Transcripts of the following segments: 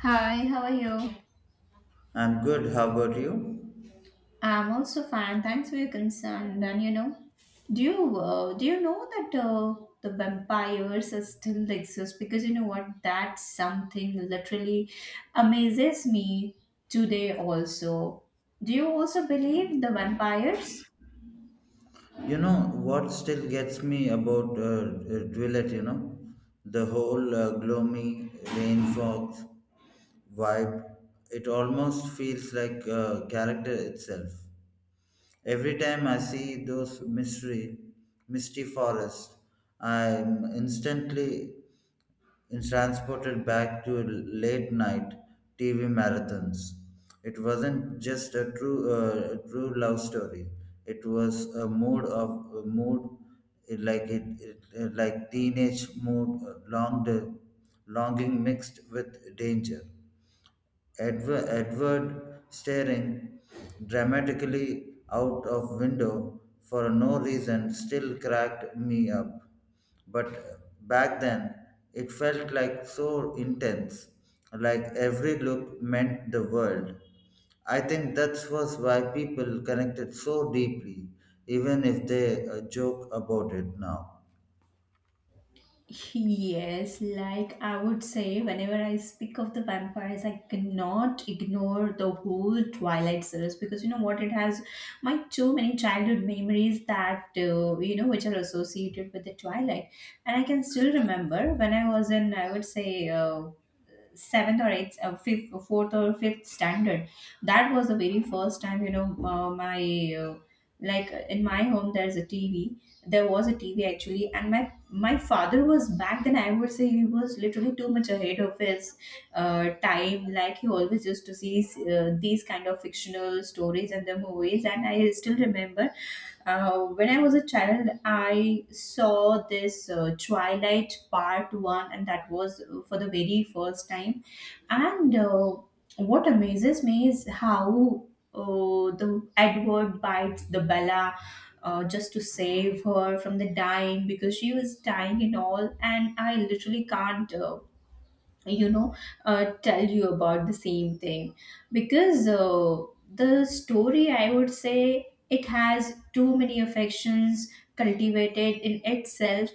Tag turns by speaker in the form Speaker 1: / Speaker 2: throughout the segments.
Speaker 1: Hi, how are you?
Speaker 2: I'm good. How about you?
Speaker 1: I'm also fine. Thanks for your concern. And you know, do you know that the vampires are still exist? Because you know what, that's something literally amazes me today. Also, do you also believe the vampires?
Speaker 2: You know what still gets me about Dwellett, the whole gloomy rain fog vibe. It almost feels like character itself. Every time I see those misty forests, I'm instantly and transported back to late night TV marathons. It wasn't just a true love story. It was a mood, like teenage mood, longing mixed with danger. Edward staring dramatically out of window for no reason still cracked me up. But back then, it felt like so intense, like every look meant the world. I think that was why people connected so deeply, even if they joke about it now.
Speaker 1: Yes, like I would say, whenever I speak of the vampires, I cannot ignore the whole Twilight series because you know what? It has my too many childhood memories that, you know, which are associated with the Twilight. And I can still remember when I was in, I would say, seventh or eighth, fifth, or fourth or fifth standard. That was the very first time, you know, my in my home there's a TV. There was a TV actually, and my father was back then. I would say he was literally too much ahead of his time. Like he always used to see these kind of fictional stories and the movies. And I still remember when I was a child, I saw this Twilight Part 1, and that was for the very first time. And what amazes me is how the Edward bites the Bella just to save her from the dying because she was dying and all. And I literally can't, you know, tell you about the same thing because the story, I would say, it has too many affections cultivated in itself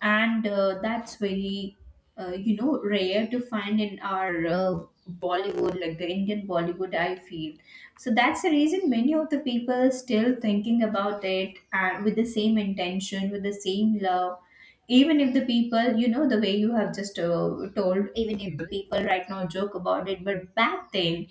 Speaker 1: and that's very you know rare to find in our bollywood like the indian bollywood I feel. So that's the reason many of the people still thinking about it with the same intention with the same love, even if the people, you know, the way you have just told, even if the people right now joke about it, but back then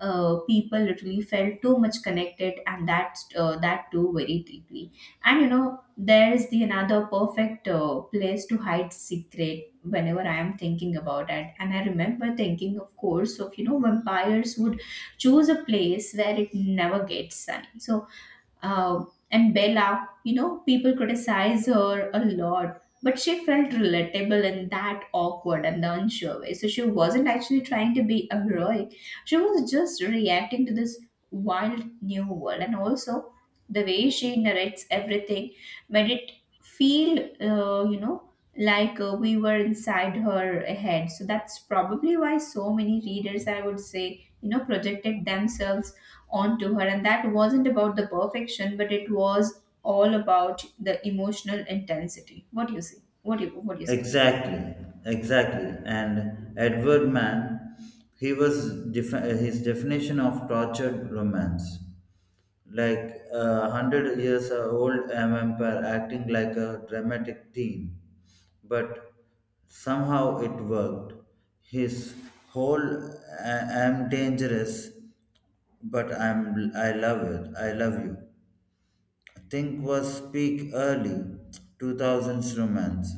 Speaker 1: people literally felt too much connected, and that too very deeply. And you know there is the another perfect place to hide secret whenever I am thinking about it, and I remember thinking of course of, you know, vampires would choose a place where it never gets sunny. So uh, and Bella, you know, people criticize her a lot, but she felt relatable in that awkward and the unsure way. So she wasn't actually trying to be heroic. She was just reacting to this wild new world. And also, the way she narrates everything made it feel, you know, we were inside her head. So that's probably why so many readers, I would say, you know, projected themselves onto her, and that wasn't about the perfection, but it was all about the emotional intensity. What do you see? What do you, what do you say?
Speaker 2: Exactly, exactly. And Edward Mann, he was his definition of tortured romance, like 100 years old vampire acting like a dramatic teen, but somehow it worked. His whole "I'm dangerous, but I love it. I love you." Think was peak early 2000s romance.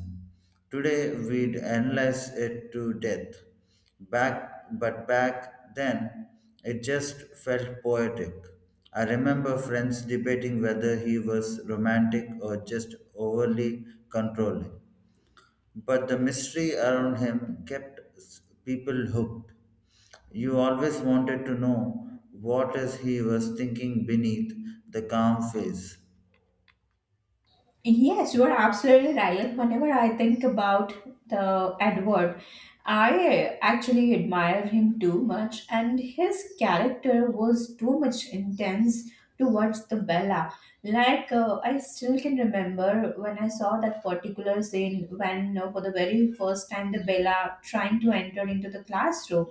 Speaker 2: Today we'd analyze it to death. But back then, it just felt poetic. I remember friends debating whether he was romantic or just overly controlling. But the mystery around him kept people hooked. You always wanted to know what is he was thinking beneath the calm face.
Speaker 1: Yes, you are absolutely right. Whenever I think about the Edward, I actually admire him too much, and his character was too much intense towards the Bella. Like I still can remember when I saw that particular scene when, for the very first time, the Bella trying to enter into the classroom,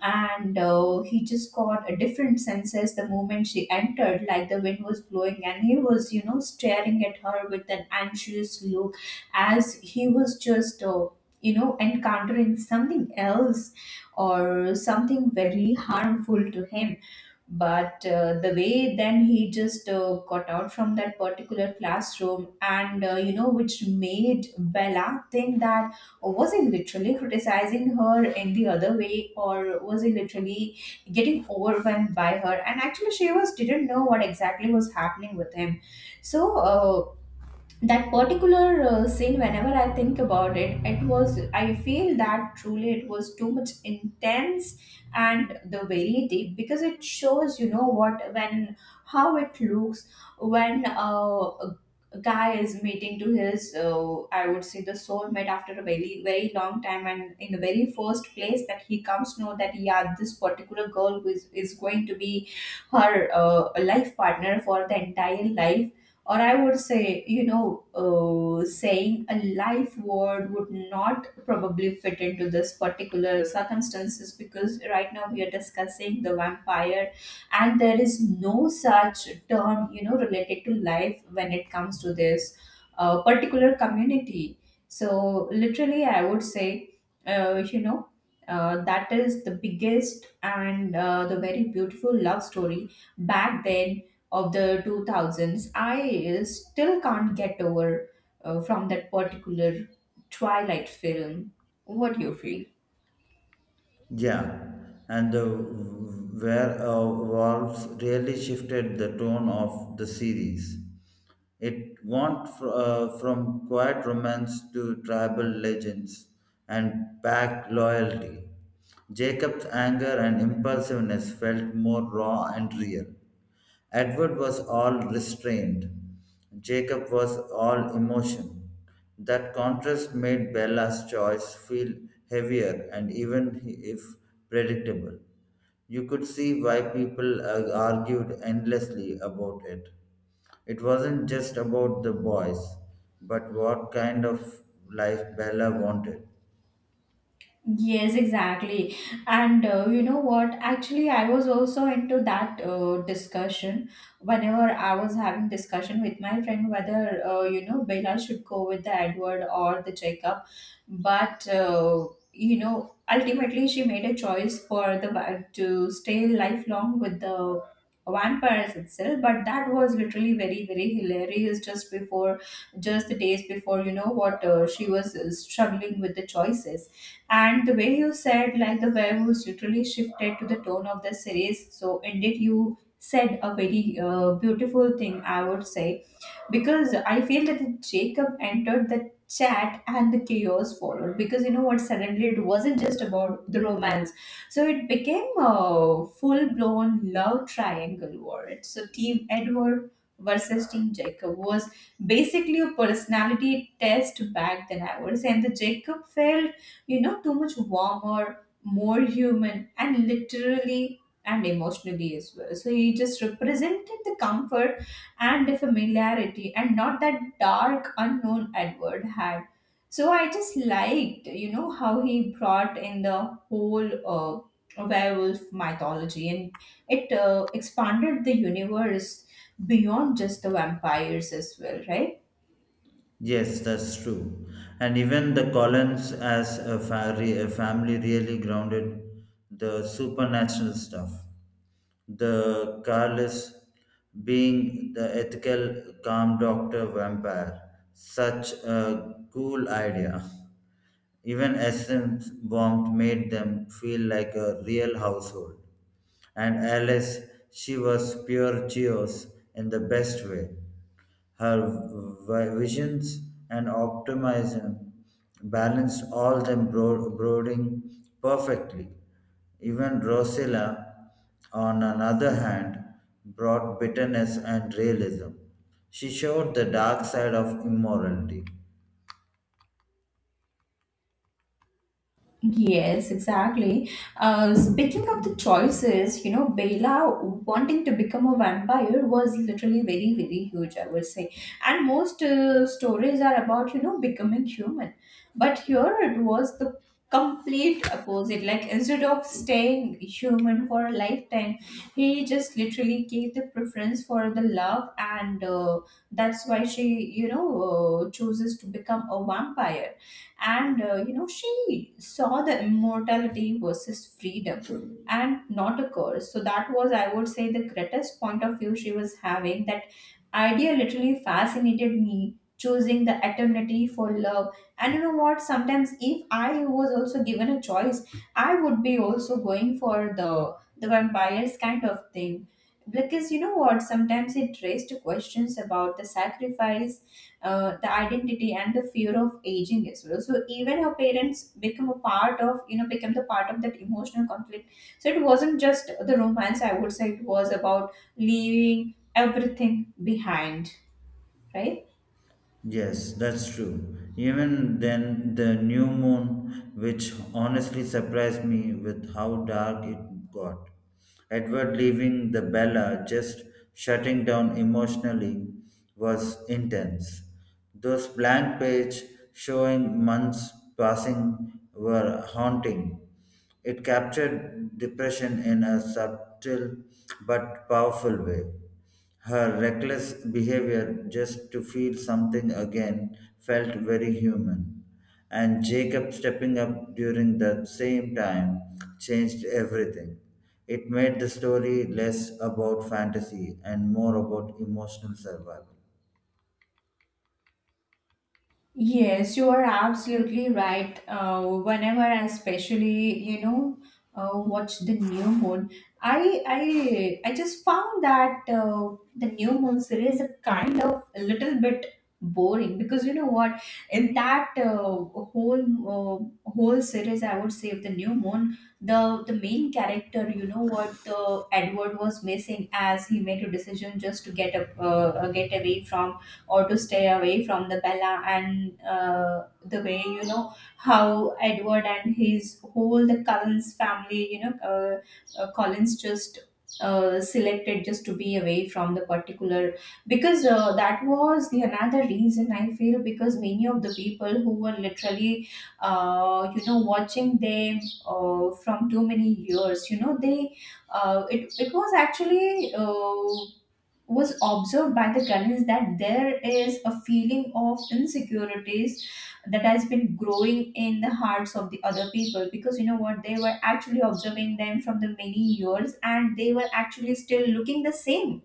Speaker 1: and he just got a different senses the moment she entered, like the wind was blowing, and he was, you know, staring at her with an anxious look, as he was just you know encountering something else or something very harmful to him. But the way then he just got out from that particular classroom, and you know, which made Bella think that, oh, was he literally criticizing her in the other way, or was he literally getting overwhelmed by her, and actually she was didn't know what exactly was happening with him. So that particular scene, whenever I think about it, it was, I feel that truly it was too much intense and the very deep, because it shows, you know what, when how it looks when a guy is meeting to his, I would say the soulmate after a very very long time, and in the very first place that he comes to know that, yeah, this particular girl is going to be her life partner for the entire life, or I would say, you know, saying a life word would not probably fit into this particular circumstances, because right now we are discussing the vampire, and there is no such term, you know, related to life when it comes to this particular community. So literally, I would say, uh, you know. That is the biggest and the very beautiful love story back then of the 2000s. I still can't get over from that particular Twilight film. What do you feel?
Speaker 2: Yeah, and the werewolves really shifted the tone of the series. It went from quiet romance to tribal legends and pack loyalty. Jacob's anger and impulsiveness felt more raw and real. Edward was all restraint. Jacob was all emotion. That contrast made Bella's choice feel heavier and even if predictable. You could see why people argued endlessly about it. It wasn't just about the boys, but what kind of life Bella wanted.
Speaker 1: Yes, exactly. And you know what? Actually, I was also into that discussion whenever I was having discussion with my friend whether, you know, Bella should go with the Edward or the Jacob. But you know, ultimately she made a choice for the va- to stay lifelong with the vampires itself. But that was literally very very hilarious. Just before, just the days before, you know what, she was struggling with the choices, and the way you said, like the werewolves literally shifted to the tone of the series, so indeed you said a very beautiful thing, I would say, because I feel that Jacob entered the chat and the chaos followed, because you know what, suddenly it wasn't just about the romance. So it became a full-blown love triangle war. It's so team edward versus team jacob was basically a personality test back then, I would say. And the Jacob felt, you know, too much warmer, more human, and literally and emotionally as well. So he just represented the comfort and the familiarity, and not that dark unknown Edward had. So I just liked, you know, how he brought in the whole werewolf mythology, and it expanded the universe beyond just the vampires as well, right?
Speaker 2: Yes, that's true. And even the Collins as a family really grounded the supernatural stuff. The Carlos being the ethical calm doctor vampire, such a cool idea. Even Essen's warmth made them feel like a real household. And Alice, she was pure chaos in the best way. Her visions and optimism balanced all them brooding perfectly. Even Rosella, on another hand, brought bitterness and realism. She showed the dark side of immorality.
Speaker 1: Yes, exactly. Speaking of the choices, you know, Bela wanting to become a vampire was literally very, very huge, I would say. And most stories are about, you know, becoming human. But here it was the complete opposite. Like, instead of staying human for a lifetime, he just literally gave the preference for the love, and that's why she, you know, chooses to become a vampire, and you know, she saw the immortality versus freedom and not a curse. So that was, I would say, the greatest point of view she was having. That idea literally fascinated me, choosing the eternity for love. And you know what, sometimes, if I was also given a choice, I would be also going for the vampires kind of thing, because you know what, sometimes it raised questions about the sacrifice, the identity and the fear of aging as well. So even her parents become a part of, you know, become the part of that emotional conflict. So it wasn't just the romance, I would say, it was about leaving everything behind, right?
Speaker 2: Yes, that's true. Even then, the new moon, which honestly surprised me with how dark it got. Edward leaving the Bella, just shutting down emotionally, was intense. Those blank pages showing months passing were haunting. It captured depression in a subtle but powerful way. Her reckless behavior just to feel something again felt very human, and Jacob stepping up during that same time changed everything. It made the story less about fantasy and more about emotional survival.
Speaker 1: Yes, you are absolutely right. Whenever I especially, you know, watch the new moon, I just found that the new moon series is kind of a little bit boring, because you know what? In that whole series, I would say, of the new moon, the main character, you know what, Edward was missing, as he made a decision just to get up, get away from or to stay away from the Bella. And the way, you know, how Edward and his whole the Collins family, you know, Collins just selected just to be away from the particular, because that was the another reason I feel, because many of the people who were literally you know watching them from too many years, you know, they it it was actually, was observed by the Ghanaians that there is a feeling of insecurities that has been growing in the hearts of the other people, because you know what, they were actually observing them from the many years, and they were actually still looking the same,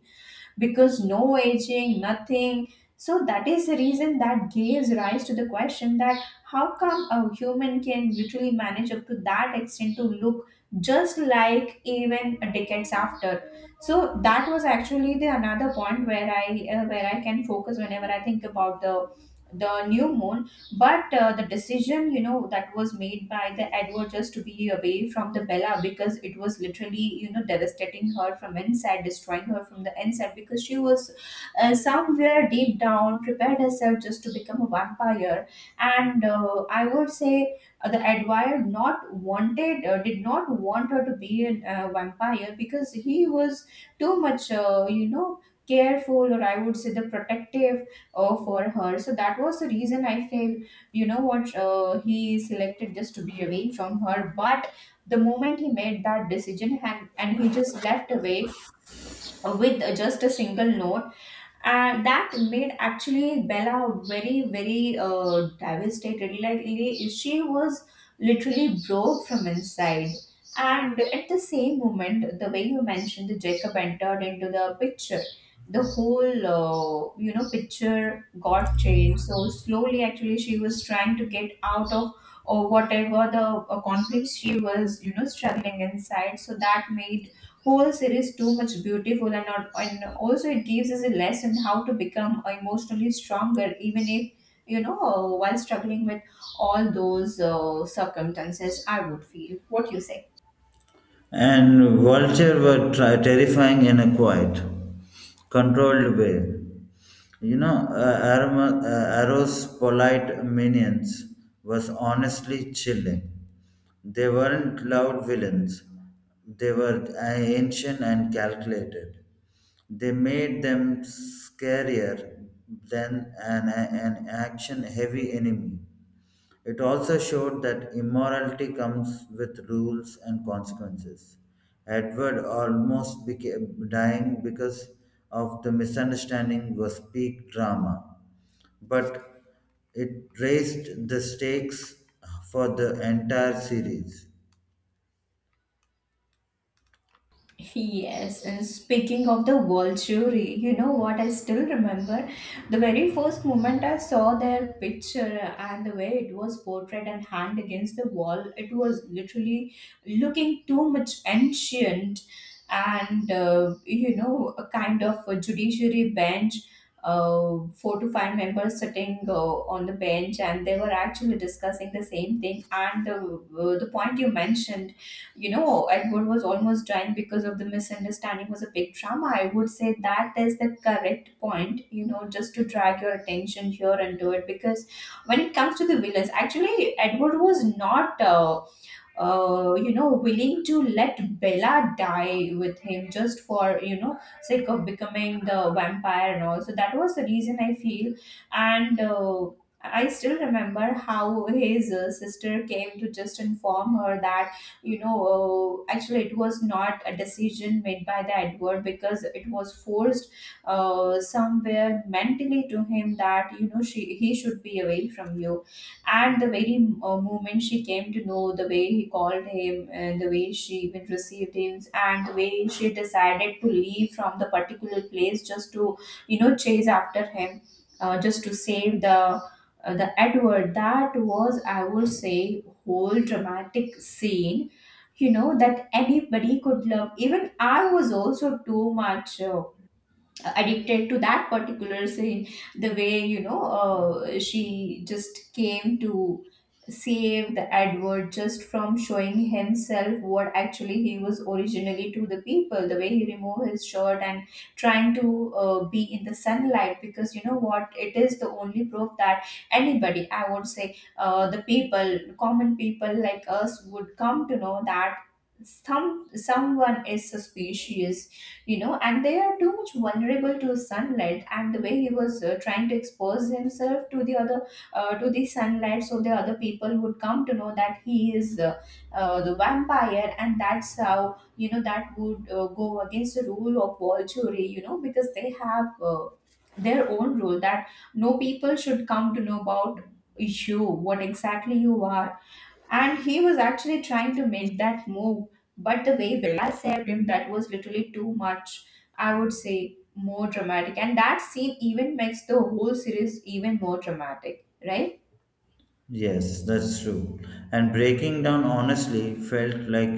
Speaker 1: because no aging, nothing. So that is the reason that gives rise to the question that how come a human can literally manage up to that extent to look just like even decades after. So that was actually the another point where I can focus whenever I think about the new moon. But the decision, you know, that was made by the Edward just to be away from the Bella, because it was literally, you know, devastating her from inside, destroying her from the inside, because she was somewhere deep down prepared herself just to become a vampire. And I would say the Edward not wanted, did not want her to be a vampire because he was too much, careful or I would say the protective for her. So that was the reason I feel you know what he selected just to be away from her. But the moment he made that decision, and he just left away with just a single note, and that made actually Bella very, very devastated. She was literally broke from inside. And at the same moment, the way you mentioned, the Jacob entered into the picture. The whole, picture got changed. So slowly, actually, she was trying to get out of or whatever the conflicts she was, you know, struggling inside. So that made whole series too much beautiful, and, not, and also it gives us a lesson how to become emotionally stronger, even if while struggling with all those circumstances, I would feel, what you say.
Speaker 2: And vulture were terrifying in a quiet, controlled way. You know, Arrow's polite minions was honestly chilling. They weren't loud villains. They were ancient and calculated. They made them scarier than an action heavy enemy. It also showed that immorality comes with rules and consequences. Edward almost became dying because of the misunderstanding was peak drama, but it raised the stakes for the entire series.
Speaker 1: Yes, and speaking of the world jury, you know what? I still remember the very first moment I saw their picture and the way it was portrayed and hanged against the wall. It was literally looking too much ancient, and a kind of a judiciary bench, four to five members sitting on the bench, and they were actually discussing the same thing. And the point you mentioned, you know, Edward was almost dying because of the misunderstanding was a big drama. I would say that is the correct point, you know, just to drag your attention here and do it. Because when it comes to the villains, actually, Edward was not willing to let Bella die with him just for, you know, sake of becoming the vampire and all. So that was the reason I feel. And I still remember how his sister came to just inform her that, actually it was not a decision made by the Edward, because it was forced somewhere mentally to him that, he should be away from you. And the very moment she came to know, the way he called him, the way she even received him, and the way she decided to leave from the particular place just to, you know, chase after him, just to save the Edward, that was, I would say, whole dramatic scene, you know, that anybody could love. Even I was also too much addicted to that particular scene, the way, she just came to save the Edward just from showing himself what actually he was originally to the people. The way he removed his shirt and trying to be in the sunlight, because you know what, it is the only proof that anybody, I would say, the people, common people like us, would come to know that some, someone is suspicious, you know, and they are too much vulnerable to sunlight. And the way he was trying to expose himself to the other to the sunlight, so the other people would come to know that he is the vampire, and that's how, you know, that would go against the rule of Volturi, you know, because they have their own rule that no people should come to know about you, what exactly you are. And he was actually trying to make that move, but the way Bella saved him, that was literally too much, I would say, more dramatic. And that scene even makes the whole series even more dramatic, right?
Speaker 2: Yes, that's true. And breaking down honestly felt like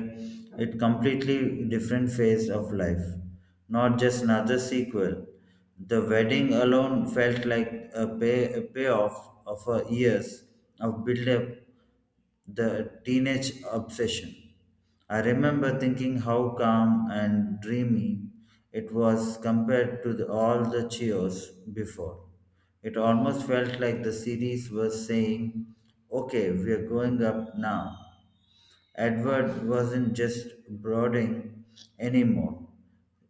Speaker 2: a completely different phase of life, not just another sequel. The wedding alone felt like a payoff of a years of build-up the teenage obsession. I remember thinking how calm and dreamy it was compared to all the cheers before. It almost felt like the series was saying, okay, we are going up now. Edward wasn't just brooding anymore.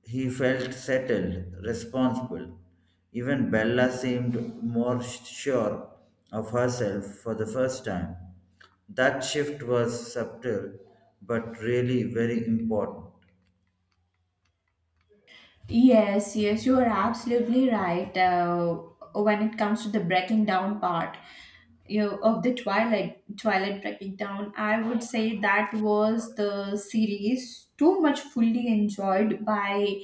Speaker 2: He felt settled, responsible. Even Bella seemed more sure of herself for the first time. That shift was subtle but really very important.
Speaker 1: Yes, yes, you are absolutely right. When it comes to the breaking down part, you know, of the Twilight, Twilight breaking down, I would say that was the series too much fully enjoyed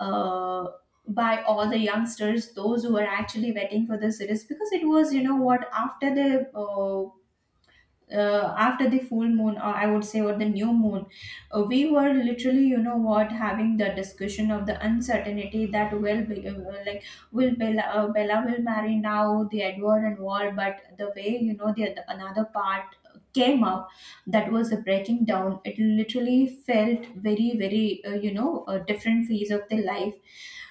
Speaker 1: uh, by all the youngsters, those who were actually waiting for the series, because it was, you know what, after the full moon, or I would say, or the new moon, we were literally, you know what, having the discussion of the uncertainty that will be like, will Bella, Bella will marry now the Edward and all. But the way, you know, the another part came up, that was the breaking down. It literally felt very very a different phase of the life.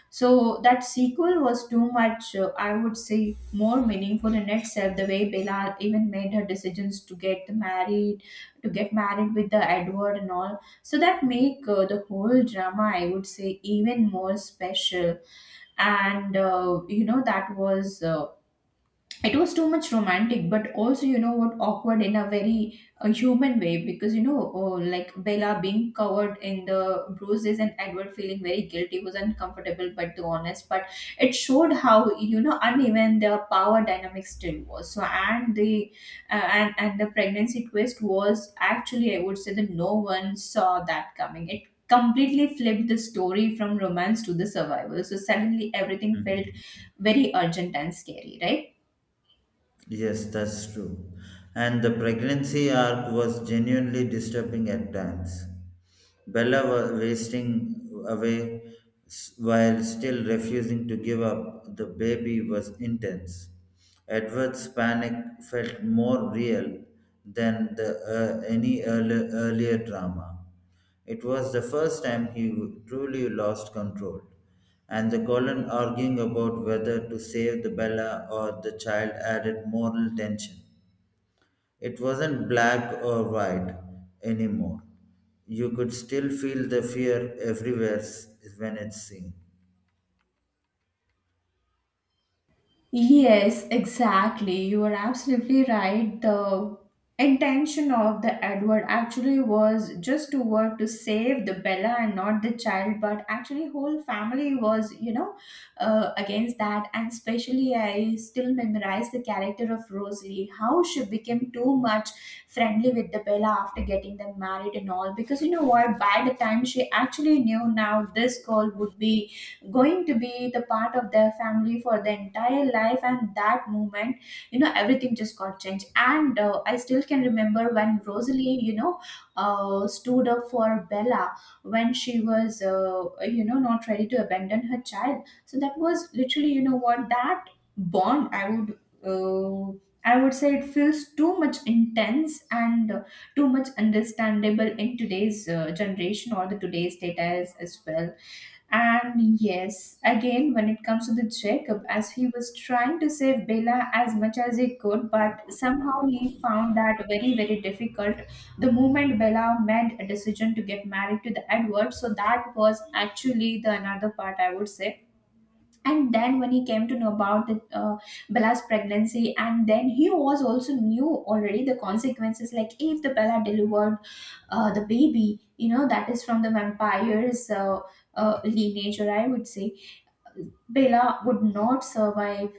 Speaker 1: So that sequel was too much, I would say, more meaningful in itself. The way Bella even made her decisions to get married with the Edward and all, so that make the whole drama, I would say, even more special. And that was it was too much romantic, but also, you know what, awkward in a very human way. Because, you know, oh, like Bella being covered in the bruises and Edward feeling very guilty was uncomfortable but the honest, but it showed how, you know, uneven the power dynamic still was. And the pregnancy twist was actually, I would say, that no one saw that coming. It completely flipped the story from romance to the survival. So suddenly everything felt
Speaker 2: Hmm.
Speaker 1: very urgent and scary, right?
Speaker 2: Yes, that's true. And the pregnancy arc was genuinely disturbing at times. Bella was wasting away while still refusing to give up. The baby was intense. Edward's panic felt more real than any earlier drama. It was the first time he truly lost control, and the colon arguing about whether to save the Bella or the child added moral tension. It wasn't black or white anymore. You could still feel the fear everywhere when it's seen.
Speaker 1: Yes, exactly. You are absolutely right. The intention of the Edward actually was just to work to save the Bella and not the child, but actually whole family was, against that. And especially, I still memorize the character of Rosalie, how she became too much friendly with the Bella after getting them married and all. Because you know what? By the time she actually knew now this girl would be going to be the part of their family for the entire life, and that moment, you know, everything just got changed. And I still can remember when Rosalie, stood up for Bella when she was not ready to abandon her child. So that was literally, you know what, that bond I would uh, I would say, it feels too much intense and too much understandable in today's generation, or the today's data as well. And yes, again, when it comes to the Jacob, as he was trying to save Bella as much as he could, but somehow he found that very, very difficult. The moment Bella made a decision to get married to the Edward, so that was actually the another part, I would say. And then when he came to know about the, Bella's pregnancy, and then he was also knew already the consequences, like if the Bella delivered the baby, you know, that is from the vampire's lineage, or I would say, Bella would not survive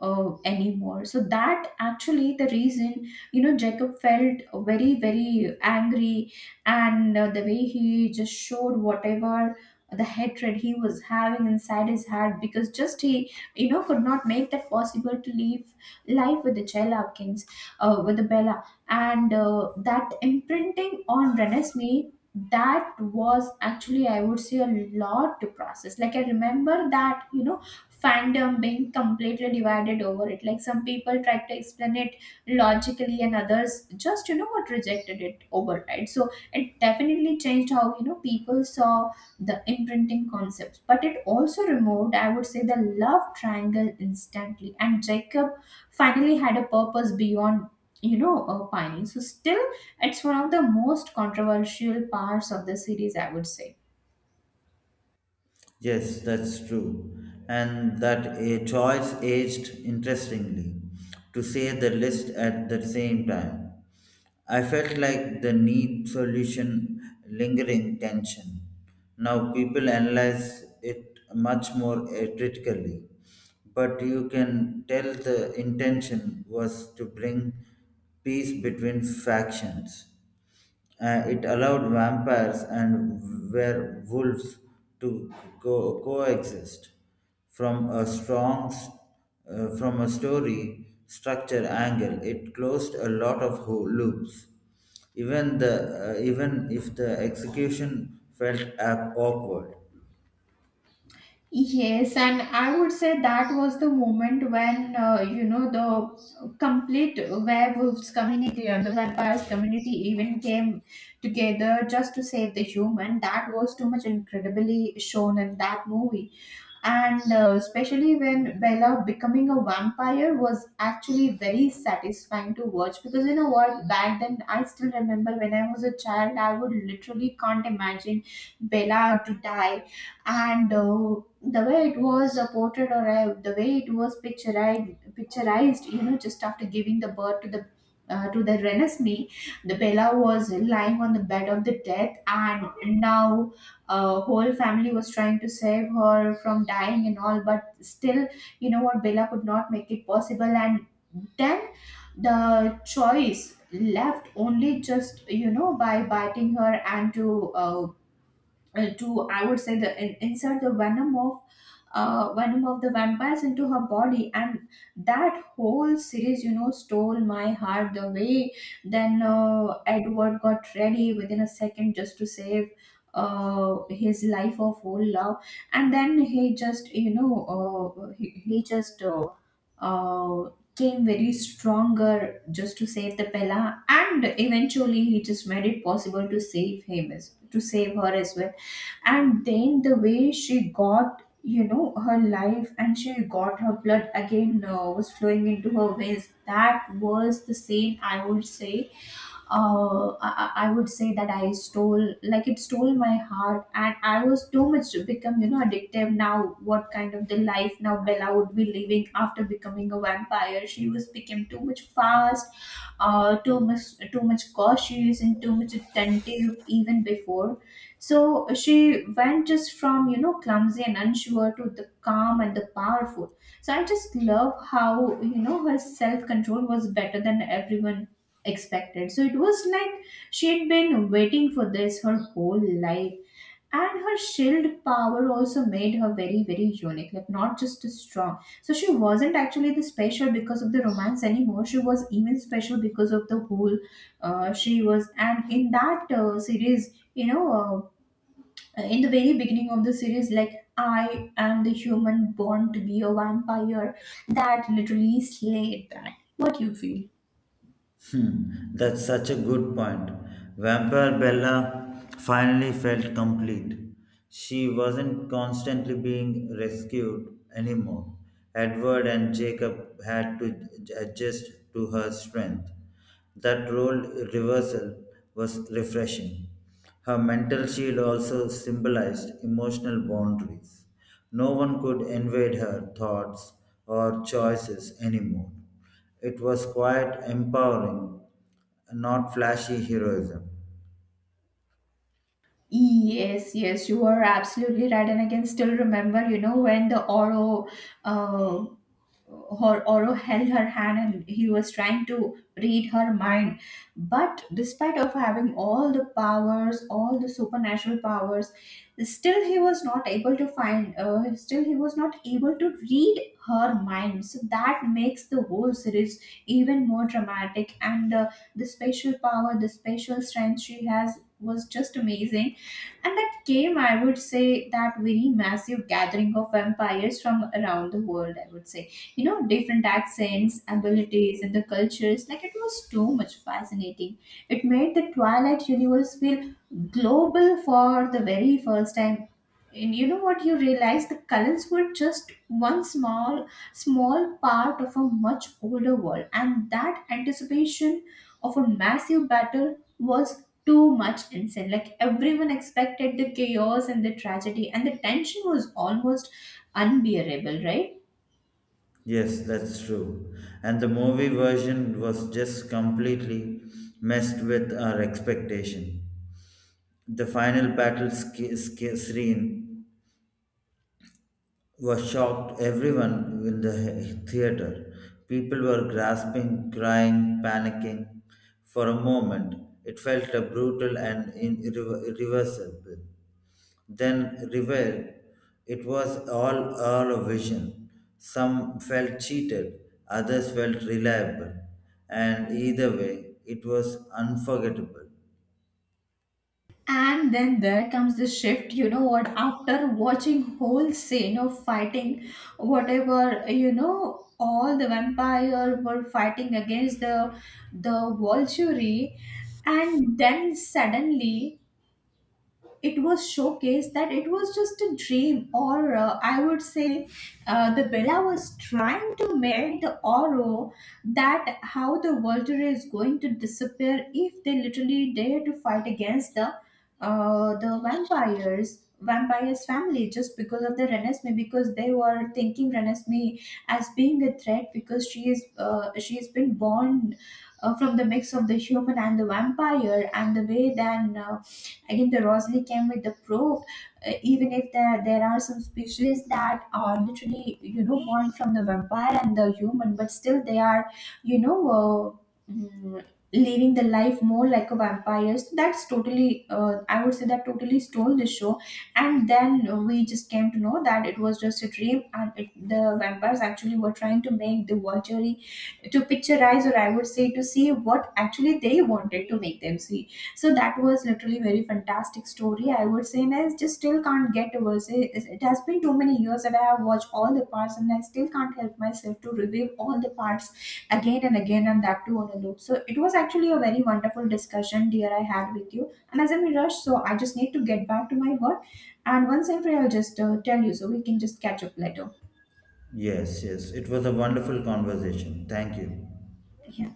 Speaker 1: anymore. So that actually the reason, you know, Jacob felt very very angry. And The way he just showed whatever the hatred he was having inside his heart, because just he, you know, could not make that possible to live life with the Chela kings, with the Bella. And That imprinting on Renesmee, that was actually, I would say, a lot to process. Like I remember that, you know, fandom being completely divided over it. Like some people tried to explain it logically, and others just, you know what, rejected it override. So it definitely changed how, you know, people saw the imprinting concepts. But it also removed, I would say, the love triangle instantly. And Jacob finally had a purpose beyond, pining. So still, it's one of the most controversial parts of the series, I would say.
Speaker 2: Yes, that's true. And that a choice aged interestingly, to say the least at the same time. I felt like the need solution lingering tension. Now people analyze it much more critically, but you can tell the intention was to bring peace between factions. It allowed vampires and werewolves to coexist from a strong s- from a story structure angle. It closed a lot of loops, even the even if the execution felt awkward.
Speaker 1: Yes, and I would say that was the moment when, you know, the complete werewolves community and the vampires community even came together just to save the human. That was too much incredibly shown in that movie. And Especially when Bella becoming a vampire was actually very satisfying to watch, because you know what, back then I still remember when I was a child, I would literally can't imagine Bella to die. And The way it was portrayed, or the way it was picturized, you know, just after giving the birth to the Renesmee, the Bella was lying on the bed of the death, and now whole family was trying to save her from dying and all. But still, you know what, Bella could not make it possible. And then the choice left only just, you know, by biting her and to to, I would say, insert the venom of the vampires into her body. And that whole series, you know, stole my heart the way. Then Edward got ready within a second just to save his life of whole love, and then he just he just uh came very stronger just to save the bella, and eventually he just made it possible to save him as to save her as well. And then the way she got, you know, her life and she got her blood again, was flowing into her veins, that was the scene I would say. I would say that I stole, like it stole my heart, and I was too much to become, you know, addictive. Now, what kind of the life now Bella would be living after becoming a vampire? She was became too much fast, too much cautious, and too much attentive even before. So she went just from, you know, clumsy and unsure to the calm and the powerful. So I just love how, you know, her self control was better than everyone expected. So it was like she had been waiting for this her whole life. And her shield power also made her very, very unique, like not just strong. So she wasn't actually the special because of the romance anymore. She was even special because of the whole she was. And in that series, you know, in the very beginning of the series, like I am the human born to be a vampire, that literally slayed that. What you feel?
Speaker 2: Hmm, that's such a good point. Vampire Bella finally felt complete. She wasn't constantly being rescued anymore. Edward and Jacob had to adjust to her strength. That role reversal was refreshing. Her mental shield also symbolized emotional boundaries. No one could invade her thoughts or choices anymore. It was quite empowering, not flashy heroism.
Speaker 1: Yes, yes, you are absolutely right. And I can still remember, you know, when the Oro, uh, her Oro held her hand and he was trying to read her mind. But despite of having all the powers, all the supernatural powers, still he was not able to find. Still he was not able to read her mind. So that makes the whole series even more dramatic. And the special power, the special strength she has was just amazing, and that came, I would say, that very massive gathering of vampires from around the world, I would say. You know, different accents, abilities, and the cultures. Like, it was too much fascinating. It made the Twilight universe feel global for the very first time. And you know what you realize? The colors were just one small, small part of a much older world. And that anticipation of a massive battle was too much insane. Like everyone expected the chaos and the tragedy, and the tension was almost unbearable, right?
Speaker 2: Yes, that's true. And the movie version was just completely messed with our expectation. The final battle screen was shocked everyone in the theater. People were grasping, crying, panicking. For a moment, it felt a brutal and irreversible. Then revealed it was all a vision. Some felt cheated, others felt reliable, and either way, it was unforgettable.
Speaker 1: And then there comes the shift, you know what, after watching whole scene of fighting, whatever, you know, all the vampire were fighting against the Volturi, and then suddenly it was showcased that it was just a dream, or I would say the Bella was trying to make the Oro that how the Volter is going to disappear if they literally dare to fight against the vampires family just because of the Renesmee, because they were thinking Renesmee as being a threat because she is she has been born from the mix of the human and the vampire. And the way then again, the Rosalie came with the proof, even if there are some species that are literally, you know, born from the vampire and the human, but still they are, you know, uh, mm, living the life more like a vampire. So that's totally, I would say that totally stole the show. And then we just came to know that it was just a dream, and it, the vampires actually were trying to make the vulture to picturize, or I would say to see what actually they wanted to make them see. So that was literally very fantastic story, I would say, and I just still can't get over it. It has been too many years that I have watched all the parts, and I still can't help myself to review all the parts again and again, and that too on a loop. So it was actually a very wonderful discussion, dear, I had with you, and as I'm in a rush, so I just need to get back to my work. And once I'm free, I'll just tell you, so we can just catch up later.
Speaker 2: Yes, yes, it was a wonderful conversation. Thank you.
Speaker 1: Yeah.